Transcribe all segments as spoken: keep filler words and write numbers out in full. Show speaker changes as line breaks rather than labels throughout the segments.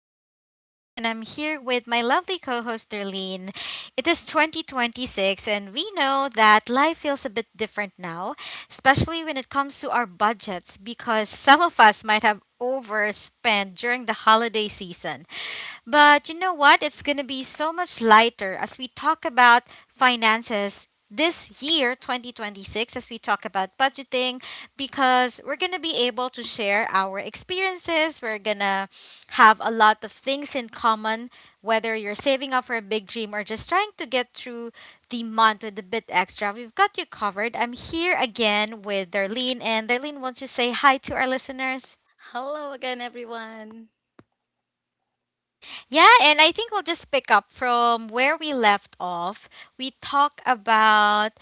I'm your host, Des, and I'm here with my lovely co host, Darlene. It is twenty twenty-six, and we know that life feels a bit different now, especially when it comes to our budgets, because some of us might have overspent during the holiday season. But you know what? It's going to be so much lighter as we talk about finances this year, twenty twenty-six, as we talk about budgeting, because we're going to be able to share our experiences. We're going to have a lot of things in common, whether you're saving up for a big dream or just trying to get through the month with a bit extra. We've got you covered. I'm here again with Darlene, and Darlene, won't you say hi to our listeners?
Hello again, everyone.
Yeah, and I think we'll just pick up from where we left off. We talk about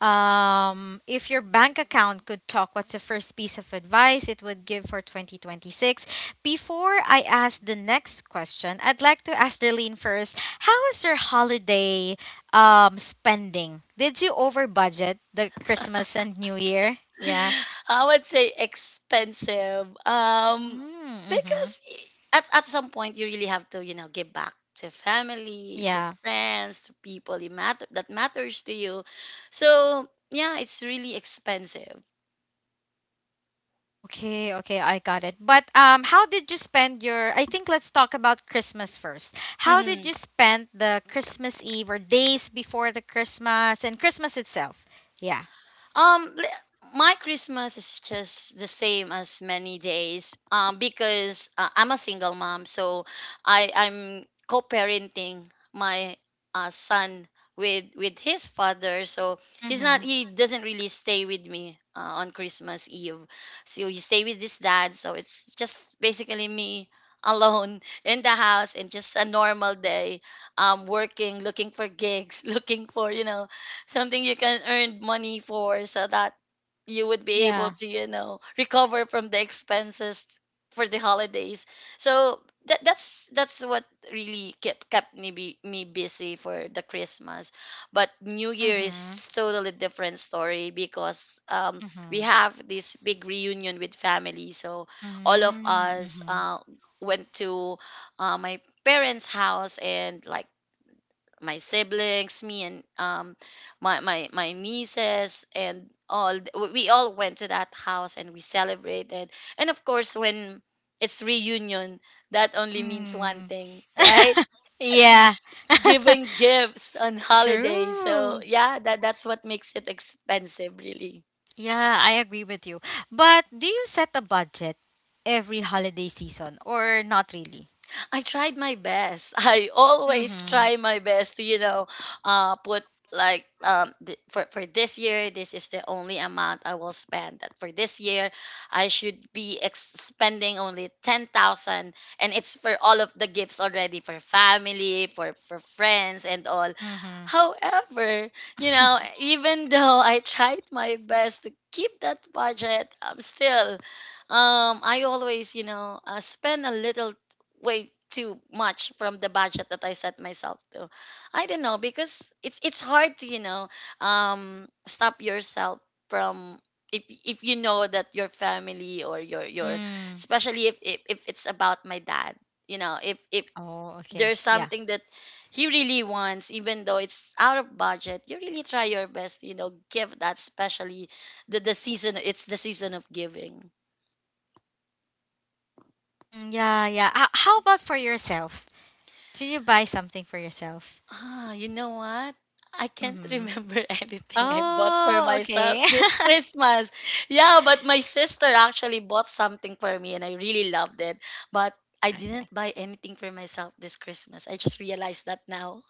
um, if your bank account could talk, what's the first piece of advice it would give for twenty twenty-six? Before I ask the next question, I'd like to ask Darlene first. How was your holiday um, spending? Did you over budget the Christmas and New Year? Yeah.
I would say expensive. Um,
Mm-hmm.
because y- at, at some point you really have to, you know, give back to family, to
Yeah.
friends, to people you matter that matters to you. So yeah, it's really expensive.
Okay, okay, I got it. But um how did you spend your I think let's talk about Christmas first. How did
Mm-hmm.
you spend the Christmas Eve or days before the Christmas and Christmas itself? Yeah.
Um, li- my Christmas is just the same as many days. Um, because uh, I'm a single mom, so I I'm co-parenting my uh, son with with his father. So he's not
Mhm.
he doesn't really stay with me uh, on Christmas Eve. So he stay with his dad. So it's just basically me alone in the house and just a normal day, um working, looking for gigs, looking for you know something you can earn money for, so that you would be able
Yeah.
to, you know recover from the expenses for the holidays. So that that's that's what really kept kept me be, me busy for the Christmas. But new year
Mhm.
is totally different story, because um we
Mhm.
have this big reunion with family. So all of
Mhm.
us
Mhm.
uh went to uh, my parents house. And like my siblings, me, and um my my my nieces, and all we we all went to that house and we celebrated. And of course when it's reunion, that only means one
Mm.
thing, right?
yeah.
Giving gifts on holidays. So
True.
yeah, that that's what makes it expensive really.
Yeah, I agree with you. But do you set a budget every holiday season or not really?
I tried my best. I always
Mhm.
try my best to, you know, uh, put like um th- for for this year, this is the only amount I will spend. That for this year I should be ex- spending only ten thousand, and it's for all of the gifts already for family, for for friends, and all.
Mhm.
However, you know, even though I tried my best to keep that budget, I'm still um I always, you know, uh, spend a little way too much from the budget that I set myself to. I don't know, because it's it's hard to, you know um, stop yourself from, if if you know that your family or your your
Mm.
especially if if, if it's about my dad, you know if if
Oh, okay.
there's
Yeah.
something that he really wants, even though it's out of budget, you really try your best, you know give that, especially the, the season, it's the season of giving.
Mm, yeah, yeah. Ho- how about for yourself? Did you buy something for yourself?
Ah, you know what? I can't
Mm-hmm.
remember anything I bought for
Oh,
myself
okay.
this Christmas. Yeah, but my sister actually bought something for me and I really loved it. But I didn't
Okay.
buy anything for myself this Christmas. I just realized that now.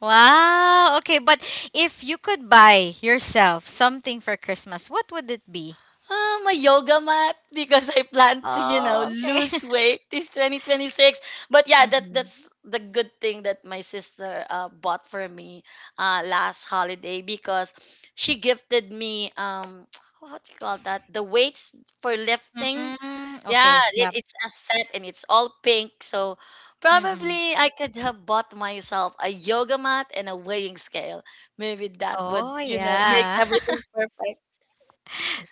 Wow. Okay, but if you could buy yourself something for Christmas, what would it be?
Um, a yoga mat, because I plan to, you know,
Oh, okay.
lose weight this twenty twenty-six. But yeah, that
Mm-hmm.
that's the good thing that my sister uh, bought for me uh, last holiday, because she gifted me um what do you call that? The weights for lifting.
Mm,
Yeah,
okay.
it,
Yep.
it's a set and it's all pink. So
Mm-hmm.
probably I could have bought myself a yoga mat and a weighing scale. Maybe that would,
Oh,
you know, make
yeah.
everything perfect.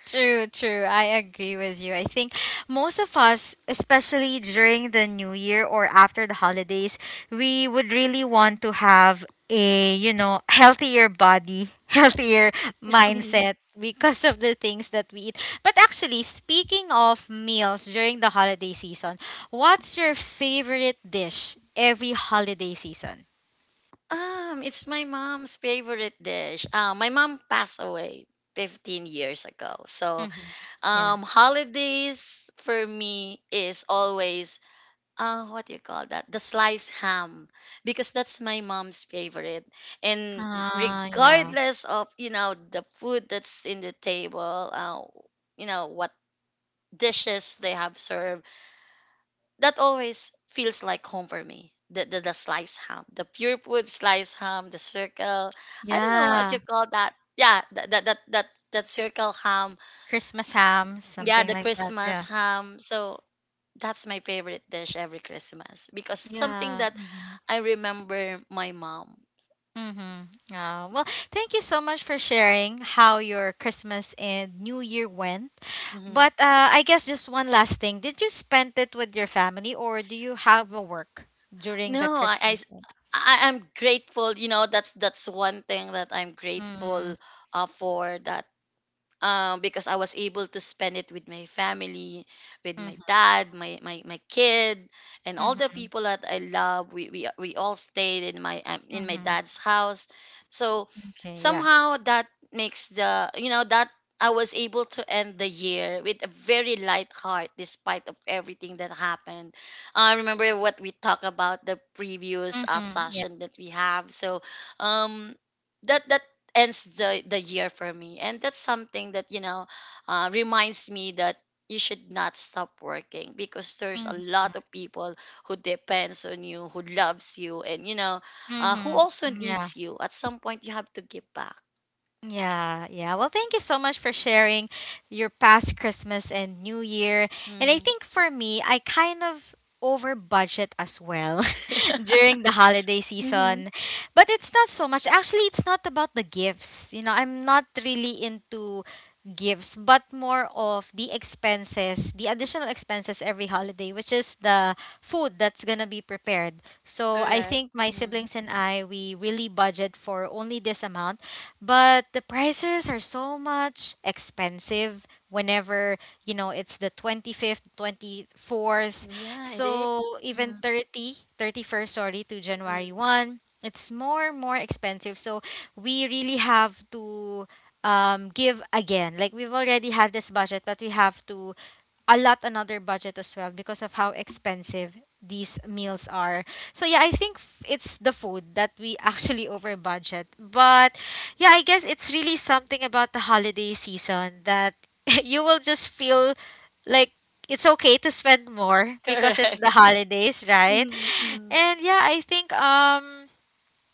True, true. I agree with you. I think most of us, especially during the new year or after the holidays, we would really want to have a, you know, healthier body, healthier mindset because of the things that we eat. But actually, speaking of meals during the holiday season, what's your favorite dish every holiday season?
Um, it's my mom's favorite dish. Uh, my mom passed away fifteen years ago. So,
Hmm. Yeah.
um, holidays for me is always, uh, what do you call that? The sliced ham, because that's my mom's favorite. And
Ah, yeah.
regardless of, you know, the food that's in the table, uh, you know, what dishes they have served, that always feels like home for me. The, the the sliced ham, the pure food sliced ham, the circle. I don't know what
Yeah.
you call that. Yeah, that that that that, that circle ham.
Christmas ham,
Yeah,
something
the
like that.
Christmas
Yeah.
ham. So that's my favorite dish every Christmas, because it's something
Yeah.
that
Mm-hmm.
I remember my mom.
Mm-hmm. Yeah. Well, thank you so much for sharing how your Christmas and New Year went.
Hmm.
But uh, I guess just one last thing. Did you spend it with your family or do you have a work during the
No, I, I
Christmas?
s- I- I'm grateful. You know, that's that's one thing that I'm
Mm-hmm.
grateful uh, for. That um, Because I was able to spend it with my family, with my
Mm-hmm.
dad, my, my, my kid, and all the
Mm-hmm.
people that I love. We, we, we all stayed in my um, in my
Mm-hmm.
dad's house. So
Okay. Yeah.
somehow that makes the, you know that I was able to end the year with a very light heart despite of everything that happened. I remember what we talked about the previous uh,
Mm-hmm. Yeah.
session that we have. So um that that ends the, the year for me. And that's something that, you know, uh, reminds me that you should not stop working, because there's a
Mm-hmm.
lot of people who depends on you, who loves you, and, you know, uh, who
Mm-hmm.
also
Yeah.
needs you. At some point, you have to give back.
Yeah, yeah. Well, thank you so much for sharing your past Christmas and New Year. And I
Mm.
think for me, I kind of over budget as well during the holiday
Mm-hmm.
season. But it's not so much. Actually, it's not about the gifts. You know, I'm not really into gifts, but more of the expenses, the additional expenses every holiday, which is the food that's going to be prepared. So I
Correct.
think my
Hmm.
siblings and I, we really budget for only this amount, but the prices are so much expensive whenever, you know, it's the twenty-fifth twenty-fourth,
Yeah, it is.
so even
Mm-hmm.
thirty, thirty first, sorry, to january
Mm-hmm.
first, it's more and more expensive. So we really have to, um give again, like we've already had this budget but we have to a lot another budget as well because of how expensive these meals are. So yeah, I think f- it's the food that we actually over budget. But yeah, I guess it's really something about the holiday season that you will just feel like it's okay to spend more because it's the
Correct.
holidays, right?
Mm-hmm.
And yeah, I think um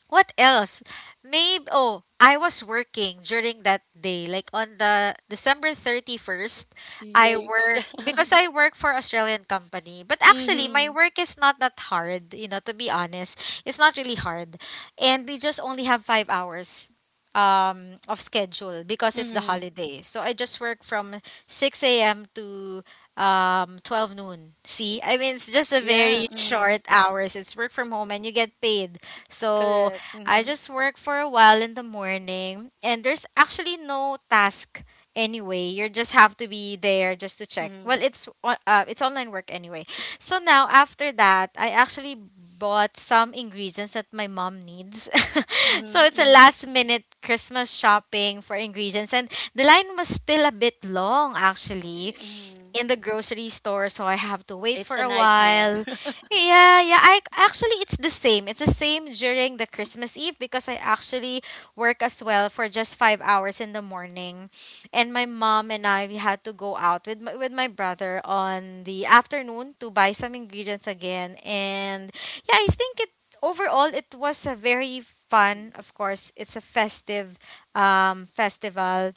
what else? Maybe oh, I was working during that day, like on the December thirty-first. I
Yikes.
work because I work for Australian company. But actually my
Mm-hmm.
work is not that hard, you know, to be honest. It's not really hard. And we just only have five hours um of schedule because it's the
Mm-hmm.
holiday. So I just work from six a m to um twelve noon. See? I mean, it's just a
Yeah.
very
Mm-hmm.
short hours. It's work from home and you get paid. So
Correct.
I
Mm-hmm.
just work for a while in the morning, and there's actually no task anyway. You just have to be there just to check.
Mm-hmm.
Well, it's on- uh, it's online work anyway. So now after that, I actually bought some ingredients that my mom needs. so it's
Mm-hmm.
a
Mm-hmm.
last minute Christmas shopping for ingredients, and the line was still a bit long actually
Mm-hmm.
in the grocery store, so I have to wait
It's
for
a
a
nightmare.
while. Yeah, yeah. I actually it's the same. It's the same during the Christmas Eve because I actually work as well for just five hours in the morning, and my mom and I we had to go out with my, with my brother on the afternoon to buy some ingredients again. And yeah, I think it overall it was a very fun. Of course, it's a festive um festival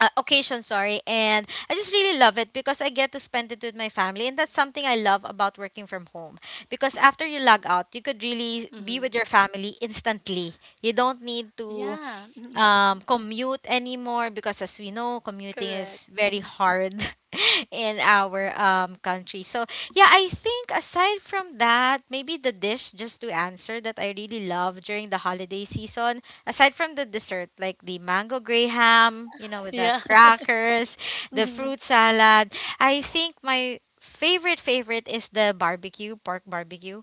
uh, occasion, sorry. And I just really love it because I get to spend it with my family, and that's something I love about working from home, because after you log out you
Mm-hmm.
could really be with your family instantly. You don't need
Yeah.
to
Mm-hmm.
um, commute anymore, because as we know commuting
Correct.
is
Mm-hmm.
very hard in our um, country. So yeah, I think aside from that, maybe the dish, just to answer that, I really love during the holiday season. Aside from the dessert, like the mango graham, you know, with the
Yeah.
crackers, the
Mm-hmm.
fruit salad, I think my favorite favorite is the barbecue, pork barbecue.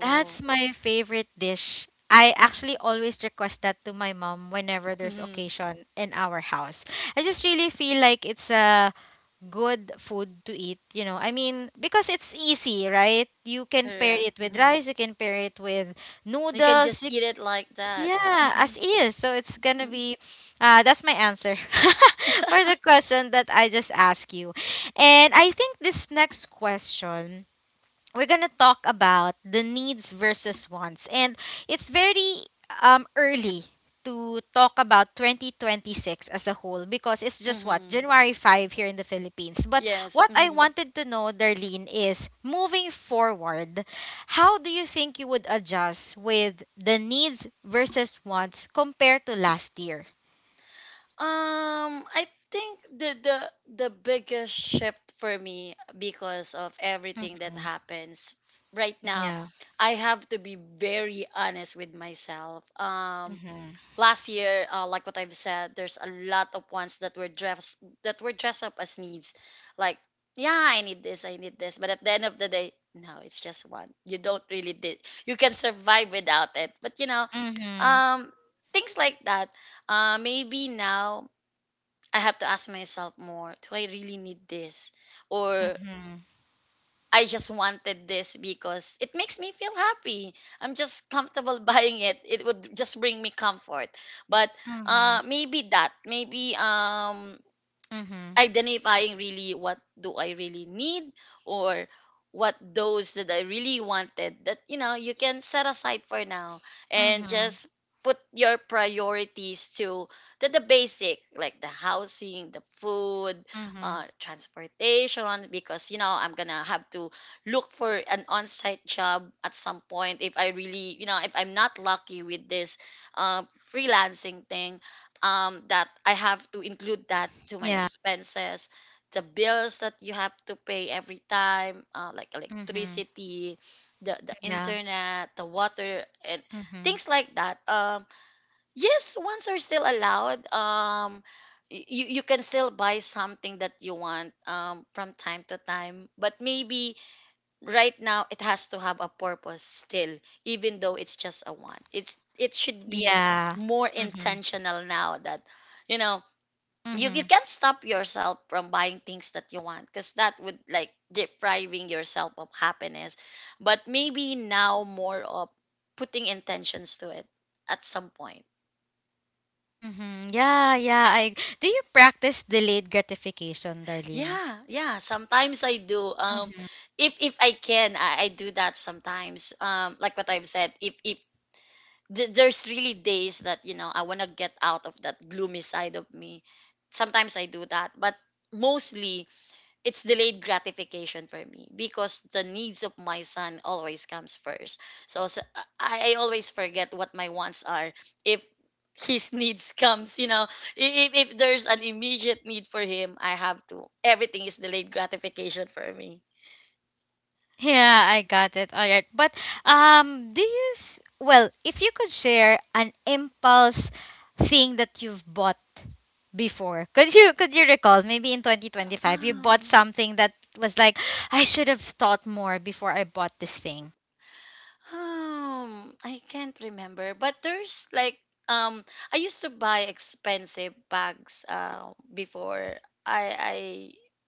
That's my favorite dish. I actually always request that to my mom whenever there's
Mm-hmm.
occasion in our house. I just really feel like it's a good food to eat, you know. I mean, because it's easy, right? You can pair
Correct.
it with
Mm-hmm.
rice, you can pair it with
You can
noodles,
just eat it like that.
yeah,
Mm-hmm.
as is. So it's gonna be uh That's my answer for the question that I just asked you. And I think this next question, we're going to talk about the needs versus wants. And it's very um, early to talk about twenty twenty-six as a whole because it's just what
Mm-hmm.
January fifth here in the Philippines. But
Yes.
what I
Mm-hmm.
wanted to know, Darlene, is moving forward, how do you think you would adjust with the needs versus wants compared to last year?
Um, I think the the the biggest shift for me, because of everything that
Mm-hmm.
happens right now,
Yeah.
I have to be very honest with myself. Um,
Mm-hmm.
last year, uh, like what I've said, there's a lot of ones that were dressed that were dressed up as needs. Like, yeah, I need this, I need this. But at the end of the day, no, it's just one. You don't really did. You can survive without it. But you know,
Mm-hmm.
um, things like that. Uh, maybe now I have to ask myself more. Do I really need this? Or
Mm-hmm.
I just wanted this because it makes me feel happy. I'm just comfortable buying it. It would just bring me comfort. But
Mm-hmm.
uh, maybe that, maybe um,
Mm-hmm.
identifying really what do I really need, or what those that I really wanted that, you know you can set aside for now, and
Mm-hmm.
just put your priorities to the, the basic, like the housing, the food,
Mm-hmm.
uh, transportation, because, you know I'm gonna have to look for an on-site job at some point if I really you know if I'm not lucky with this uh, freelancing thing. Um, that I have to include that to my expenses, the bills that you have to pay every time, uh, like
Mm-hmm.
electricity, the the
Yeah.
internet, the water, and
Mm-hmm.
things like that. Um, yes, ones are still allowed. Um, y- you you can still buy something that you want um, from time to time, but maybe right now it has to have a purpose still, even though it's just a one, it's it should be
Yeah.
more
Mm-hmm.
intentional now that, you know, you, you
Mm-hmm.
can't stop yourself from buying things that you want, because that would like depriving yourself of happiness. But maybe now more of putting intentions to it at some point.
Mm-hmm. Yeah, yeah. I Do you practice delayed gratification, Darlene?
Yeah, yeah, sometimes I do. um
Mm-hmm.
if if I can, i, I do that sometimes. Um like what I've said, if if th- there's really days that, you know, I want to get out of that gloomy side of me. Sometimes I do that, but mostly it's delayed gratification for me, because the needs of my son always comes first. So, s I I I always forget what my wants are if his needs comes, you know if, if there's an immediate need for him, I have to everything is delayed gratification for me.
Yeah, I got it. All right. But um do you s- well, if you could share an impulse thing that you've bought before. Could you could you recall maybe in twenty twenty-five you bought
um
something that was like I should have thought more before I bought this thing.
Um, I can't remember, but there's like um I used to buy expensive bags uh, before I I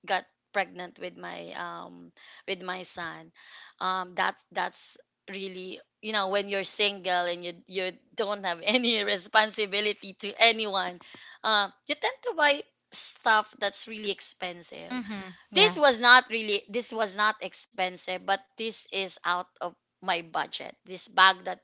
got pregnant with my um with my son. Um that that's really, you know, when you're single and you you don't have any responsibility to anyone, uh, you tend to buy stuff that's really expensive.
Mm-hmm.
This
Yeah.
was not really, this was not expensive, but this is out of my budget. This bag that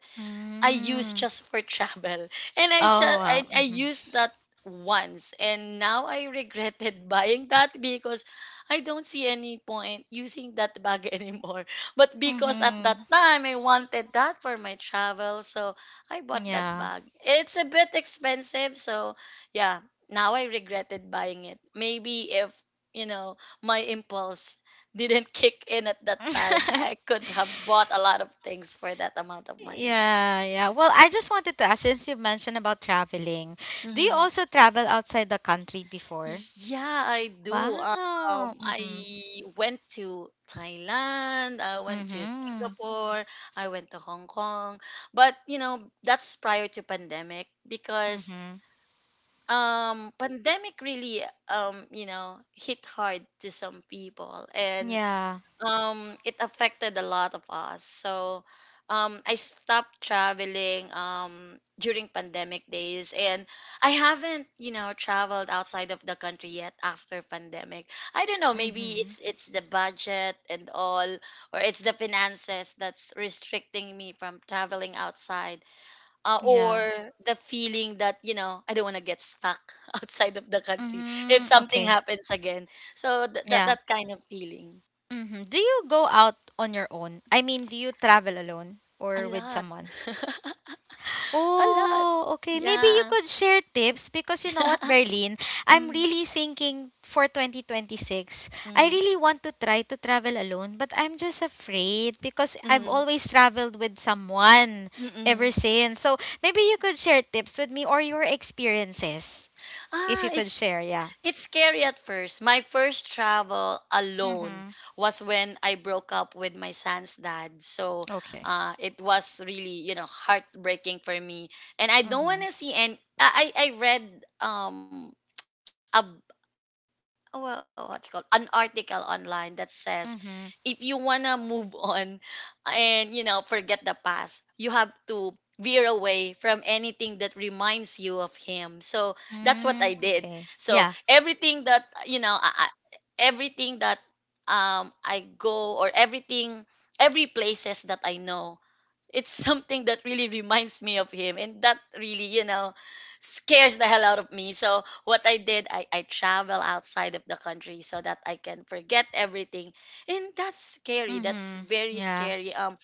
I use
Mm.
just for travel. And
Oh,
I just,
wow.
I, I
Mm-hmm.
used that once and now I regretted buying that, because I don't see any point using that bag anymore. But because at that
Mm-hmm.
time I wanted that for my travel, so I bought that
Yeah.
bag. It's a bit expensive, so yeah, now I regretted buying it. Maybe if, you know, my impulse didn't kick in at that time, I could have bought a lot of things for that amount of money.
Yeah, yeah. Well, I just wanted to ask, since you mentioned about traveling, do you
Mm-hmm.
also travel outside the country before?
Yeah, I do.
Wow.
Um, I
Mm-hmm.
went to Thailand, I went to
Mm-hmm.
Singapore, I went to Hong Kong. But, you know, that's prior to pandemic, because
Mm-hmm.
um pandemic really um, you know, hit hard to some people, and
Yeah.
um it affected a lot of us. So um I stopped traveling um during pandemic days, and I haven't, you know traveled outside of the country yet after pandemic. I don't know, maybe
Mm-hmm.
it's it's the budget and all, or it's the finances that's restricting me from traveling outside, uh,
Yeah.
or the feeling that, you know I don't want to get stuck outside of the country if
Mm-hmm.
something
Okay.
happens again. So th- that
Yeah.
that kind of feeling.
Mm-hmm. Do you go out on your own? I mean, do you travel alone
A
or with
lot.
someone?
A lot.
Oh, okay. Maybe you
Yeah.
could share tips, because you know what, Darlene? I'm
Mm,
really thinking for twenty twenty-six. I
mm,
really want to try to travel alone, but I'm just afraid because I've
mm,
always traveled with someone ever
mm.
since. So maybe you could share tips with me or your experiences if
Ah,
you could
it's
share. Yeah.
it's scary at first. My first travel alone
Mm-hmm.
was when I broke up with my son's dad. So,
Okay.
uh, it was really, you know, heartbreaking for me. And I don't
Mm-hmm.
want to see any I I I read um a well, what you call an article online that says
Mm-hmm.
if you wanna move on and you know forget the past, you have to veer away from anything that reminds you of him. So that's what I
Mm,
did.
okay.
So
Yeah.
everything that you know, I, I, everything that um I go or everything, every places that I know, it's something that really reminds me of him, and that really, you know scares the hell out of me. So what I did, i, I travel outside of the country so that I can forget everything. And that's scary. That's
Mm-hmm.
very
Yeah.
scary, um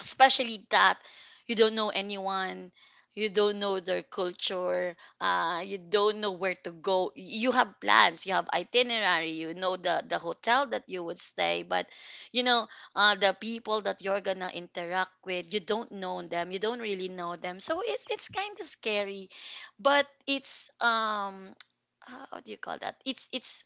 especially that you don't know anyone, you don't know their culture, uh, you don't know where to go. You have plans, you have itinerary, you know the, the hotel that you would stay, but you know uh, the people that you're gonna interact with, you don't know them, you don't really know them. So it's, it's kind of scary, but it's, um how do you call that it's it's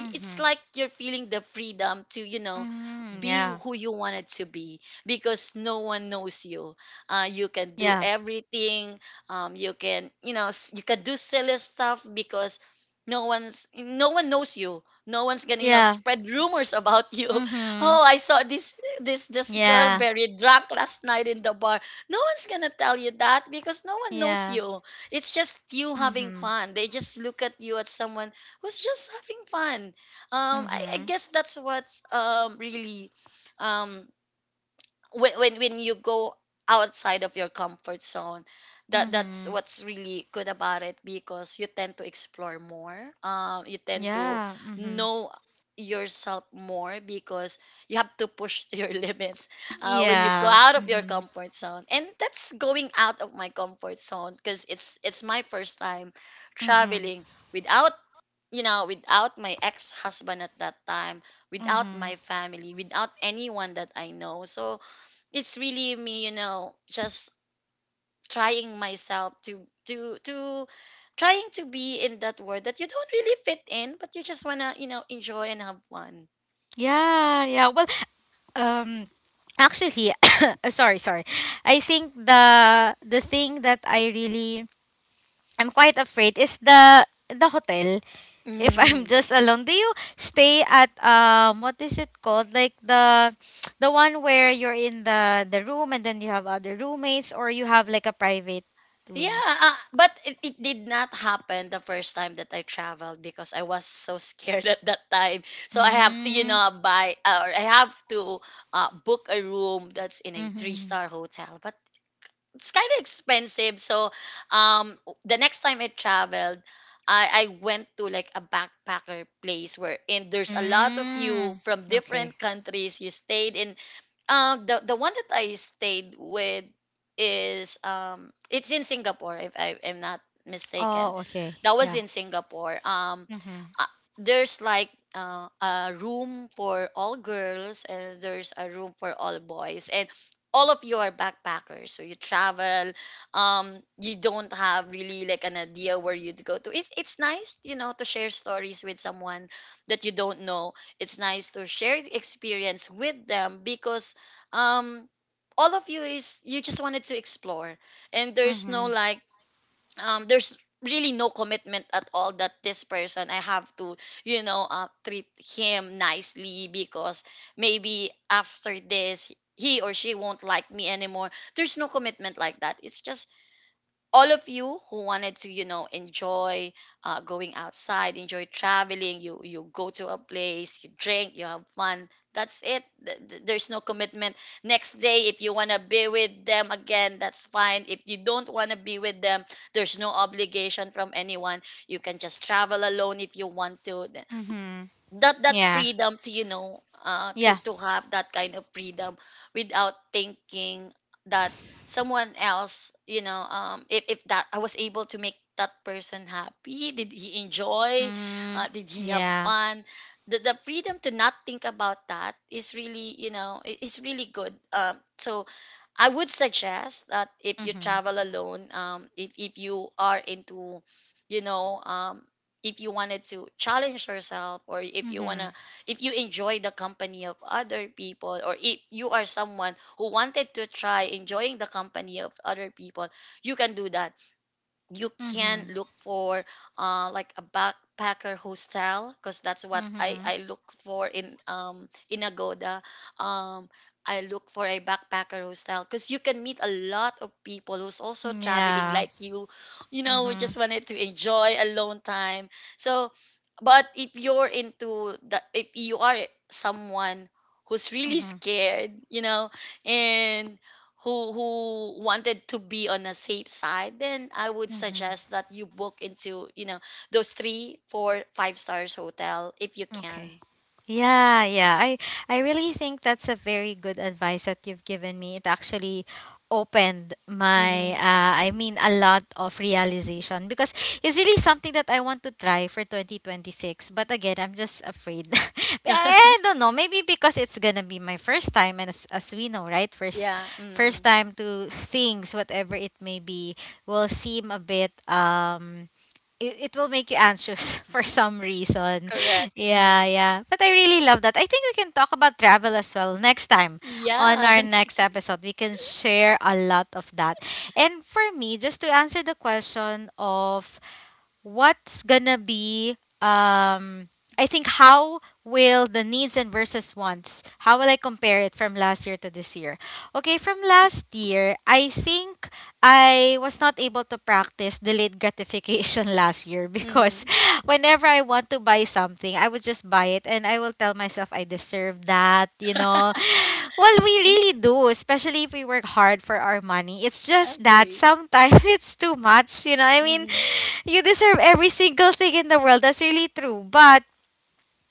it's
Mm-hmm.
like you're feeling the freedom to, you know,
Mm-hmm.
be
Yeah.
who you wanted to be because no one knows you. Uh, you can do
Yeah.
everything. Um, you can, you know, s- you can do silly stuff because no one's, no one knows you. No one's gonna, you know,
Yeah.
spread rumors about you.
Mm-hmm.
Oh, I saw this, this, this girl
Yeah,
very drunk last night in the bar. No one's gonna tell you that because no one knows
yeah.
you. It's just you having
Mhm.
fun. They just look at you as someone who's just having fun. um I, I
Mhm.
guess that's what's, um really, um when, when when you go outside of your comfort zone, that that's
Mhm.
what's really good about it, because you tend to explore more, um you tend to
Yeah. Mhm.
know yourself more, because you have to push to your limits uh, when you go
Yeah.
out of your
Mhm.
comfort zone. And that's going out of my comfort zone because it's it's my first time
Mhm.
traveling without, you know, without my ex husband at that time, without
Mhm.
my family, without anyone that I know. So it's really me, you know, just trying myself to to to trying to be in that world that you don't really fit in, but you just wanna, you know, enjoy and have fun.
Yeah, yeah. Well, um actually, uh, sorry, sorry. I think the the thing that I really, I'm quite afraid is the the hotel, if I'm just alone. Do you stay at um what is it called? Like the the one where you're in the the room and then you have other roommates, or you have like a private room?
Yeah, uh, but it, it did not happen the first time that I traveled because I was so scared at that time. So I have to, you
Mm.
know, buy uh, or I have to, uh, book a room that's in a
Mm-hmm.
three-star hotel, but it's kind of expensive. So, um, the next time I traveled, I, I went to like a backpacker place where, and there's a lot of you
Mm.
from
Okay.
different countries. You stayed in, um, the the one that I stayed with is, um, it's in Singapore if I am not mistaken.
Oh, okay.
That was
Yeah.
in Singapore. Um,
Mm-hmm.
uh, there's like uh, a room for all girls and there's a room for all boys, and all of you are backpackers, so you travel, um you don't have really like an idea where you'd go to. It's it's nice, you know, to share stories with someone that you don't know. It's nice to share the experience with them because, um all of you is you just wanted to explore, and there's no
Mm-hmm.
like, um there's really no commitment at all, that this person I have to, you know, uh, treat him nicely because maybe after this he or she won't like me anymore. There's no commitment like that. It's just all of you who wanted to, you know, enjoy, uh, going outside, enjoy traveling. You you go to a place, you drink, you have fun, that's it. Th- th- there's no commitment. Next day, if you want to be with them again, that's fine. If you don't want to be with them, there's no obligation from anyone. You can just travel alone if you want to. Th-
Mm-hmm.
that, that
Yeah.
freedom to, you know, uh to
Yeah.
to have that kind of freedom without thinking that someone else, you know, um if, if that I was able to make that person happy, did he enjoy,
Mm.
uh, did he have
Yeah.
fun. The, the freedom to not think about that is really, you know, i- is really good. Um so I would suggest that if you
Mm-hmm.
travel alone, um if if you are into, you know, um if you wanted to challenge yourself, or if you want to,
Mm-hmm.
if you enjoy the company of other people, or if you are someone who wanted to try enjoying the company of other people, you can do that. You can
Mm-hmm.
look for uh, like a backpacker hostel, because that's what I,
Mm-hmm.
I look for in, um in Agoda. Um, I look for a backpacker hostel because you can meet a lot of people who's also traveling
Yeah.
like you, you know, who
Mm-hmm.
just wanted to enjoy alone time. So, but if you're into the, if you are someone who's really
Mm-hmm.
scared, you know, and who who wanted to be on a safe side, then I would
Mm-hmm.
suggest that you book into, you know, those three, four, five stars hotel if you
Okay.
can.
Yeah, yeah. I I really think that's a very good advice that you've given me. It actually opened my
Hmm.
uh, I mean a lot of realization, because it's really something that I want to try for twenty twenty-six. But again, I'm just afraid. I don't know. Maybe because it's gonna be my first time, and as, as we know, right, first
Yeah.
first
Mm,
time to things, whatever it may be, will seem a bit um it, it will make you anxious for some reason.
correct.
Yeah,
Mhm.
yeah. But I really love that. I think we can talk about travel as well next time
Yeah.
on our next episode. We can share a lot of that. And for me, just to answer the question of what's gonna be um I think how will the needs and versus wants, how will I compare it from last year to this year? Okay, from last year, I think I was not able to practice delayed gratification last year because
Mhm.
whenever I want to buy something, I would just buy it and I will tell myself I deserve that, you know. Well, we really do, especially if we work hard for our money. It's
I
just that
agree.
sometimes it's too much, you know. I mean,
Mm-hmm.
you deserve every single thing in the world. That's really true. But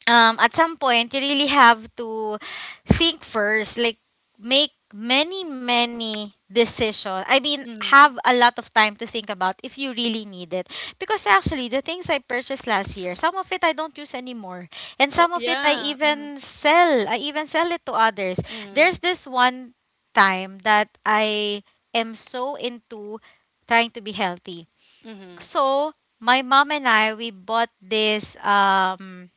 um at some point you really have to think first, like make many many decisions. I mean,
Mm-hmm.
have a lot of time to think about if you really need it, because actually the things I purchased last year, some of it I don't use anymore, and
Oh
some of it I
yeah. Mm-hmm.
even sell i even sell it to others.
Mm-hmm.
There's this one time that I am so into trying to be healthy.
Mm-hmm.
So my mom and I, we bought this, um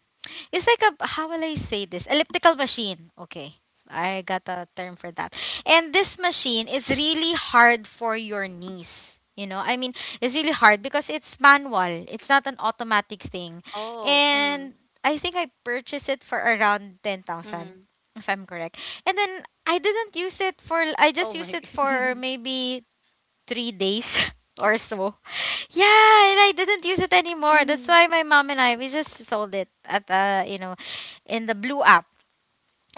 it's like a, how will I say this? Elliptical machine. Okay. I got a term for that. And this machine is really hard for your knees. You know, I mean, it's really hard because it's
Oh.
manual.
Mm.
It's not an automatic thing. And I think I
Mm-hmm.
purchased it for around ten thousand if I'm correct. And then
Oh
I
my.
didn't use it for I just used it for maybe three days or so. Yeah, and I
Mm-hmm.
didn't use it anymore. That's why my mom and I, we just sold it at uh you know, in the blue app,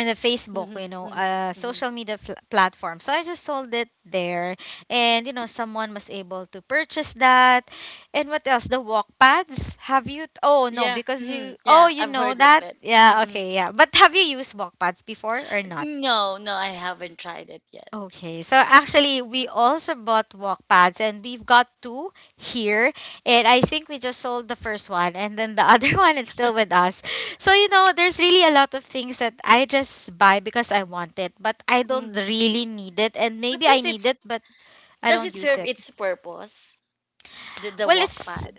in the Facebook,
Mm-hmm.
you know,
Mm-hmm.
uh,
Mm-hmm.
social media fl- platform. So I just sold it there, and you know, someone was able to purchase that. And what else? The walk pads. Have you? Oh no,
Yeah.
because you.
Mm-hmm.
Oh,
Yeah,
you
I've
know
heard of
that.
it.
Yeah.
Mm-mm.
Okay. Yeah. But have you used walk pads before or not?
No, no, I haven't tried it yet.
Okay, so actually, we also bought walk pads, and we've got two here, and I think we just sold the first one, and then the other one is still with us. So you know, there's really a lot of things that I just buy because I want it, but I don't
Mm.
really need it, and
But
maybe I
does it
need
s-
it, but I
does
don't
it
use
serve
it.
its purpose? The the
Well,
walk
it's
pad.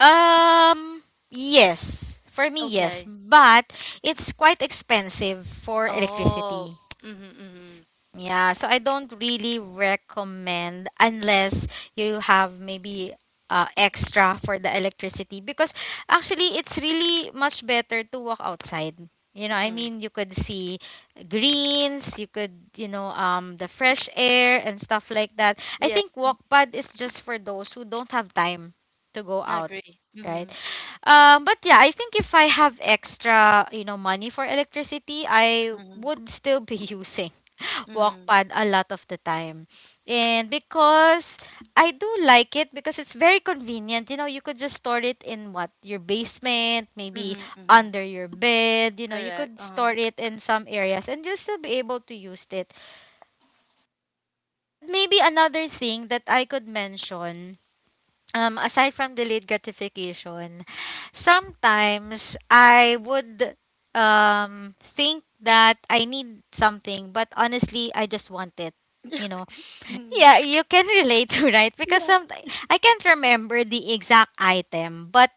um yes. For me, yes,
Okay.
but it's quite expensive for
Oh.
electricity.
Mhm. Mhm.
Yeah, so I don't really recommend unless you have maybe uh, extra for the electricity, because actually it's really much better to walk outside. You know, I
Mhm.
mean, you could see greens, you could, you know, um, the fresh air and stuff like that. I
Yeah,
think walkpad is just for those who don't have time to go
I
out,
agree.
right?
Mhm.
Um, but yeah, I think if I have extra, you know, money for electricity, I
Mhm.
would still be using
Mhm.
walkpad a lot of the time. And because I do like it, because it's very convenient. You know, you could just store it in what? Your basement, maybe
Mhm. Mhm.
under your bed. You know, you
Correct.
could store
Uh-huh.
it in some areas and you'll still be able to use it. But maybe another thing that I could mention, um, aside from delayed gratification, sometimes I would, um, think that I need something, but honestly, I just want it. You know,
Mhm.
yeah, you can relate to, right? Because
Yeah.
some, I can't remember the exact item, but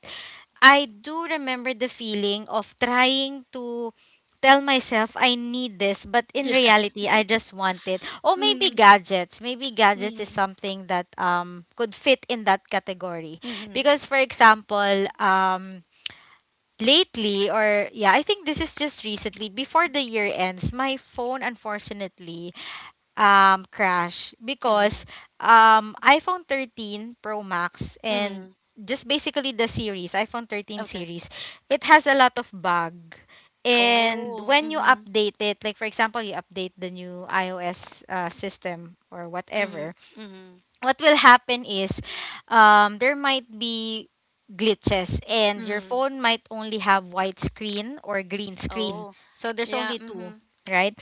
I do remember the feeling of trying to tell myself I need this, but in
Yeah.
reality, I just want it. Or maybe
Mhm.
gadgets. Maybe gadgets is
Mhm.
something that um could fit in that category.
Mhm.
Because for example, um lately, or yeah, I think this is just recently before the year ends, my phone unfortunately um crash because
Mhm.
um iPhone thirteen Pro Max, and
Mhm.
just basically the series, iPhone thirteen
Okay.
series, it has a lot of bug. And
Oh.
when you
Mhm.
update it, like for example you update the new iOS uh, system or
Mhm.
whatever,
Mhm.
what will happen is, um there might be glitches and your
Mhm.
phone might only have white screen or green screen.
Oh.
So there's
Yeah.
only two,
Mhm.
right?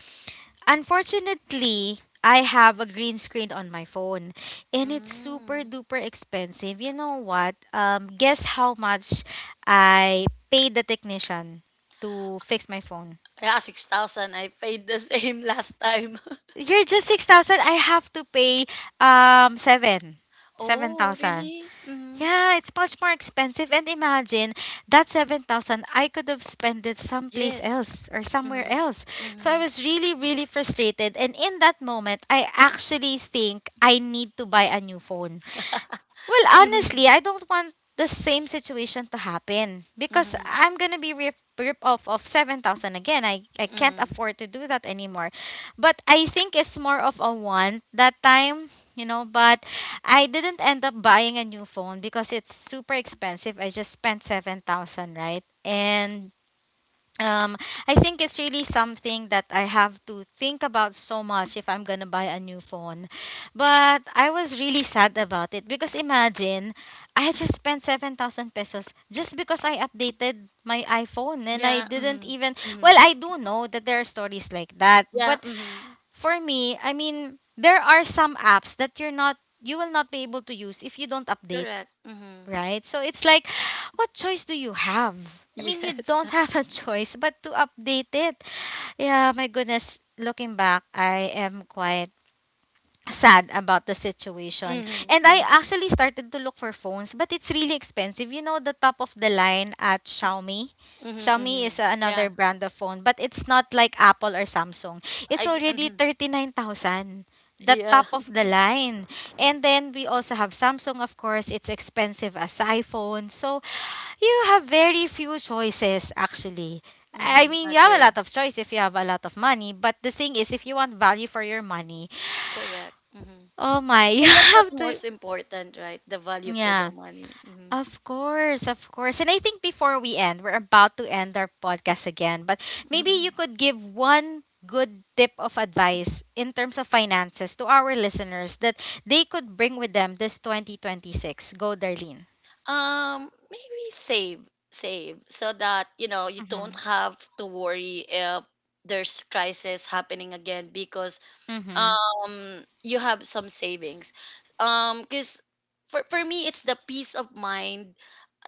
Unfortunately, I have a green screen on my phone and it's super
Mm.
duper expensive. You know what? Um, guess how much I paid the technician to fix my phone?
Yeah, six thousand. I paid the same last time.
You're just six thousand. I have to pay um seven
Oh,
seven thousand.
really? Mm-hmm.
Yeah, it's much more expensive. And imagine that seven thousand I could have spent it someplace
Yes.
else or somewhere
Mm-hmm.
else. So I
Mm-hmm.
was really, really frustrated. And in that moment, I actually think I need to buy a new phone. Well,
Mm-hmm.
honestly, I don't want the same situation to happen because
Mm-hmm.
I'm gonna be rip, rip off of seven thousand again. I I can't
Mm-hmm.
afford to do that anymore. But I think it's more of a want that time, you know. But I didn't end up buying a new phone because it's super expensive. I just spent seven thousand, right? And um I think it's really something that I have to think about so much if I'm gonna buy a new phone. But I was really sad about it because imagine I had just spent seven thousand pesos just because I updated my iPhone, and I
Yeah.
didn't
Mm-hmm.
even,
Mm-hmm.
well, I do know that there are stories like that, but
Yeah. Mm-hmm.
for me, I mean, there are some apps that you're not you will not be able to use if you don't update,
Correct. Mm-hmm.
right? So it's like, what choice do you have? I mean, you
Yes.
don't have a choice but to update it. Yeah, my goodness. Looking back, I am quite sad about the situation.
Mm-hmm.
And I
Mm-hmm.
actually started to look for phones, but it's really expensive. You know, the top of the line at Xiaomi.
Mm-hmm.
Xiaomi
Mm-hmm.
is, uh, another
Yeah.
brand of phone, but it's not like Apple or Samsung. It's
I.
already
Mm-hmm.
thirty-nine thousand, the
Yeah.
top of the line. And then we also have Samsung, of course. It's expensive as iPhone. So you have very few choices, actually. I
Mm-hmm.
mean, you have a
Agree.
lot of choice if you have a lot of money, but the thing is, if you want value for your money,
Correct. Mm-hmm.
oh my, you
And that's
have
what's
to.
most important, right? The value for the
Yeah,
money. Mm-hmm.
of course, of course. And I think before we end, we're about to end our podcast again, but maybe you could give one good tip of advice in terms of finances to our listeners that they could bring with them this twenty twenty-six. Go, Darlene.
Um, maybe save, save so that, you know, you don't
Mm-hmm.
have to worry if there's crisis happening again because,
Mm-hmm.
um you have some savings. Um, because for for me it's the peace of mind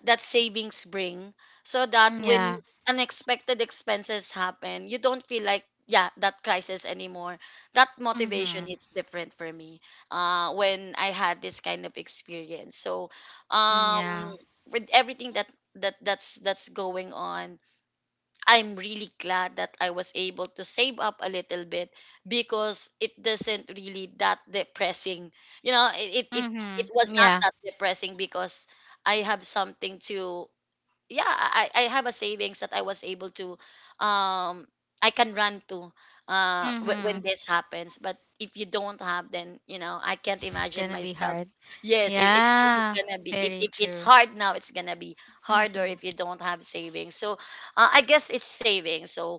that savings bring, so that when
Yeah.
unexpected expenses happen, you don't feel like, yeah, that crisis anymore. That motivation
Mm-hmm.
hits different for me uh when I had this kind of experience. So,
Mm,
um
yeah.
with everything that that that's that's going on, I'm really glad that I was able to save up a little bit, because it doesn't really that depressing, you know, it it it, it was
Mm-hmm.
not
Yeah.
that depressing because I have something to, yeah, I, I have a savings that I was able to, um I can run to uh w- when
Mm-hmm.
this happens. But if you don't have, then, you know, I can't
It's
imagine
gonna be
myself.
hard.
Yes, it, it's really
Yeah.
gonna be. If,
Very
if it's
true.
hard now, it's gonna be harder
Mm-hmm.
if you don't have savings. So, uh, I guess it's savings. So,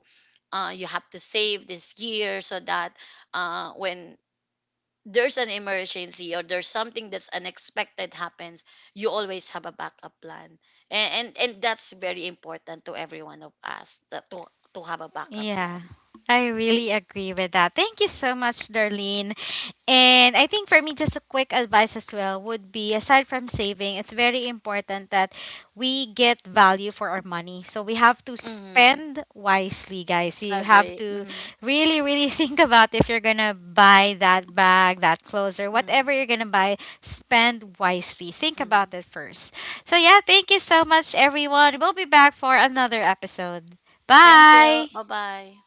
uh, you have to save this year so that, uh, when there's an emergency, or there's something that's unexpected happens, you always have a backup plan. And and, and that's very important to every one of us, that to to have a backup
Yeah,
plan.
I really agree with that. Thank you so much, Darlene. And I think for me, just a quick advice as well would be, aside from saving, it's very important that we get value for our money. So we have to
Mm-hmm.
spend wisely, guys. You have
Agree.
to
Mm-hmm.
really, really think about if you're going to buy that bag, that clothes, or whatever you're going to buy, spend wisely. Think
Mm-hmm.
about it first. So, yeah, thank you so much, everyone. We'll be back for another episode.
Thank you.
Bye.
Bye bye.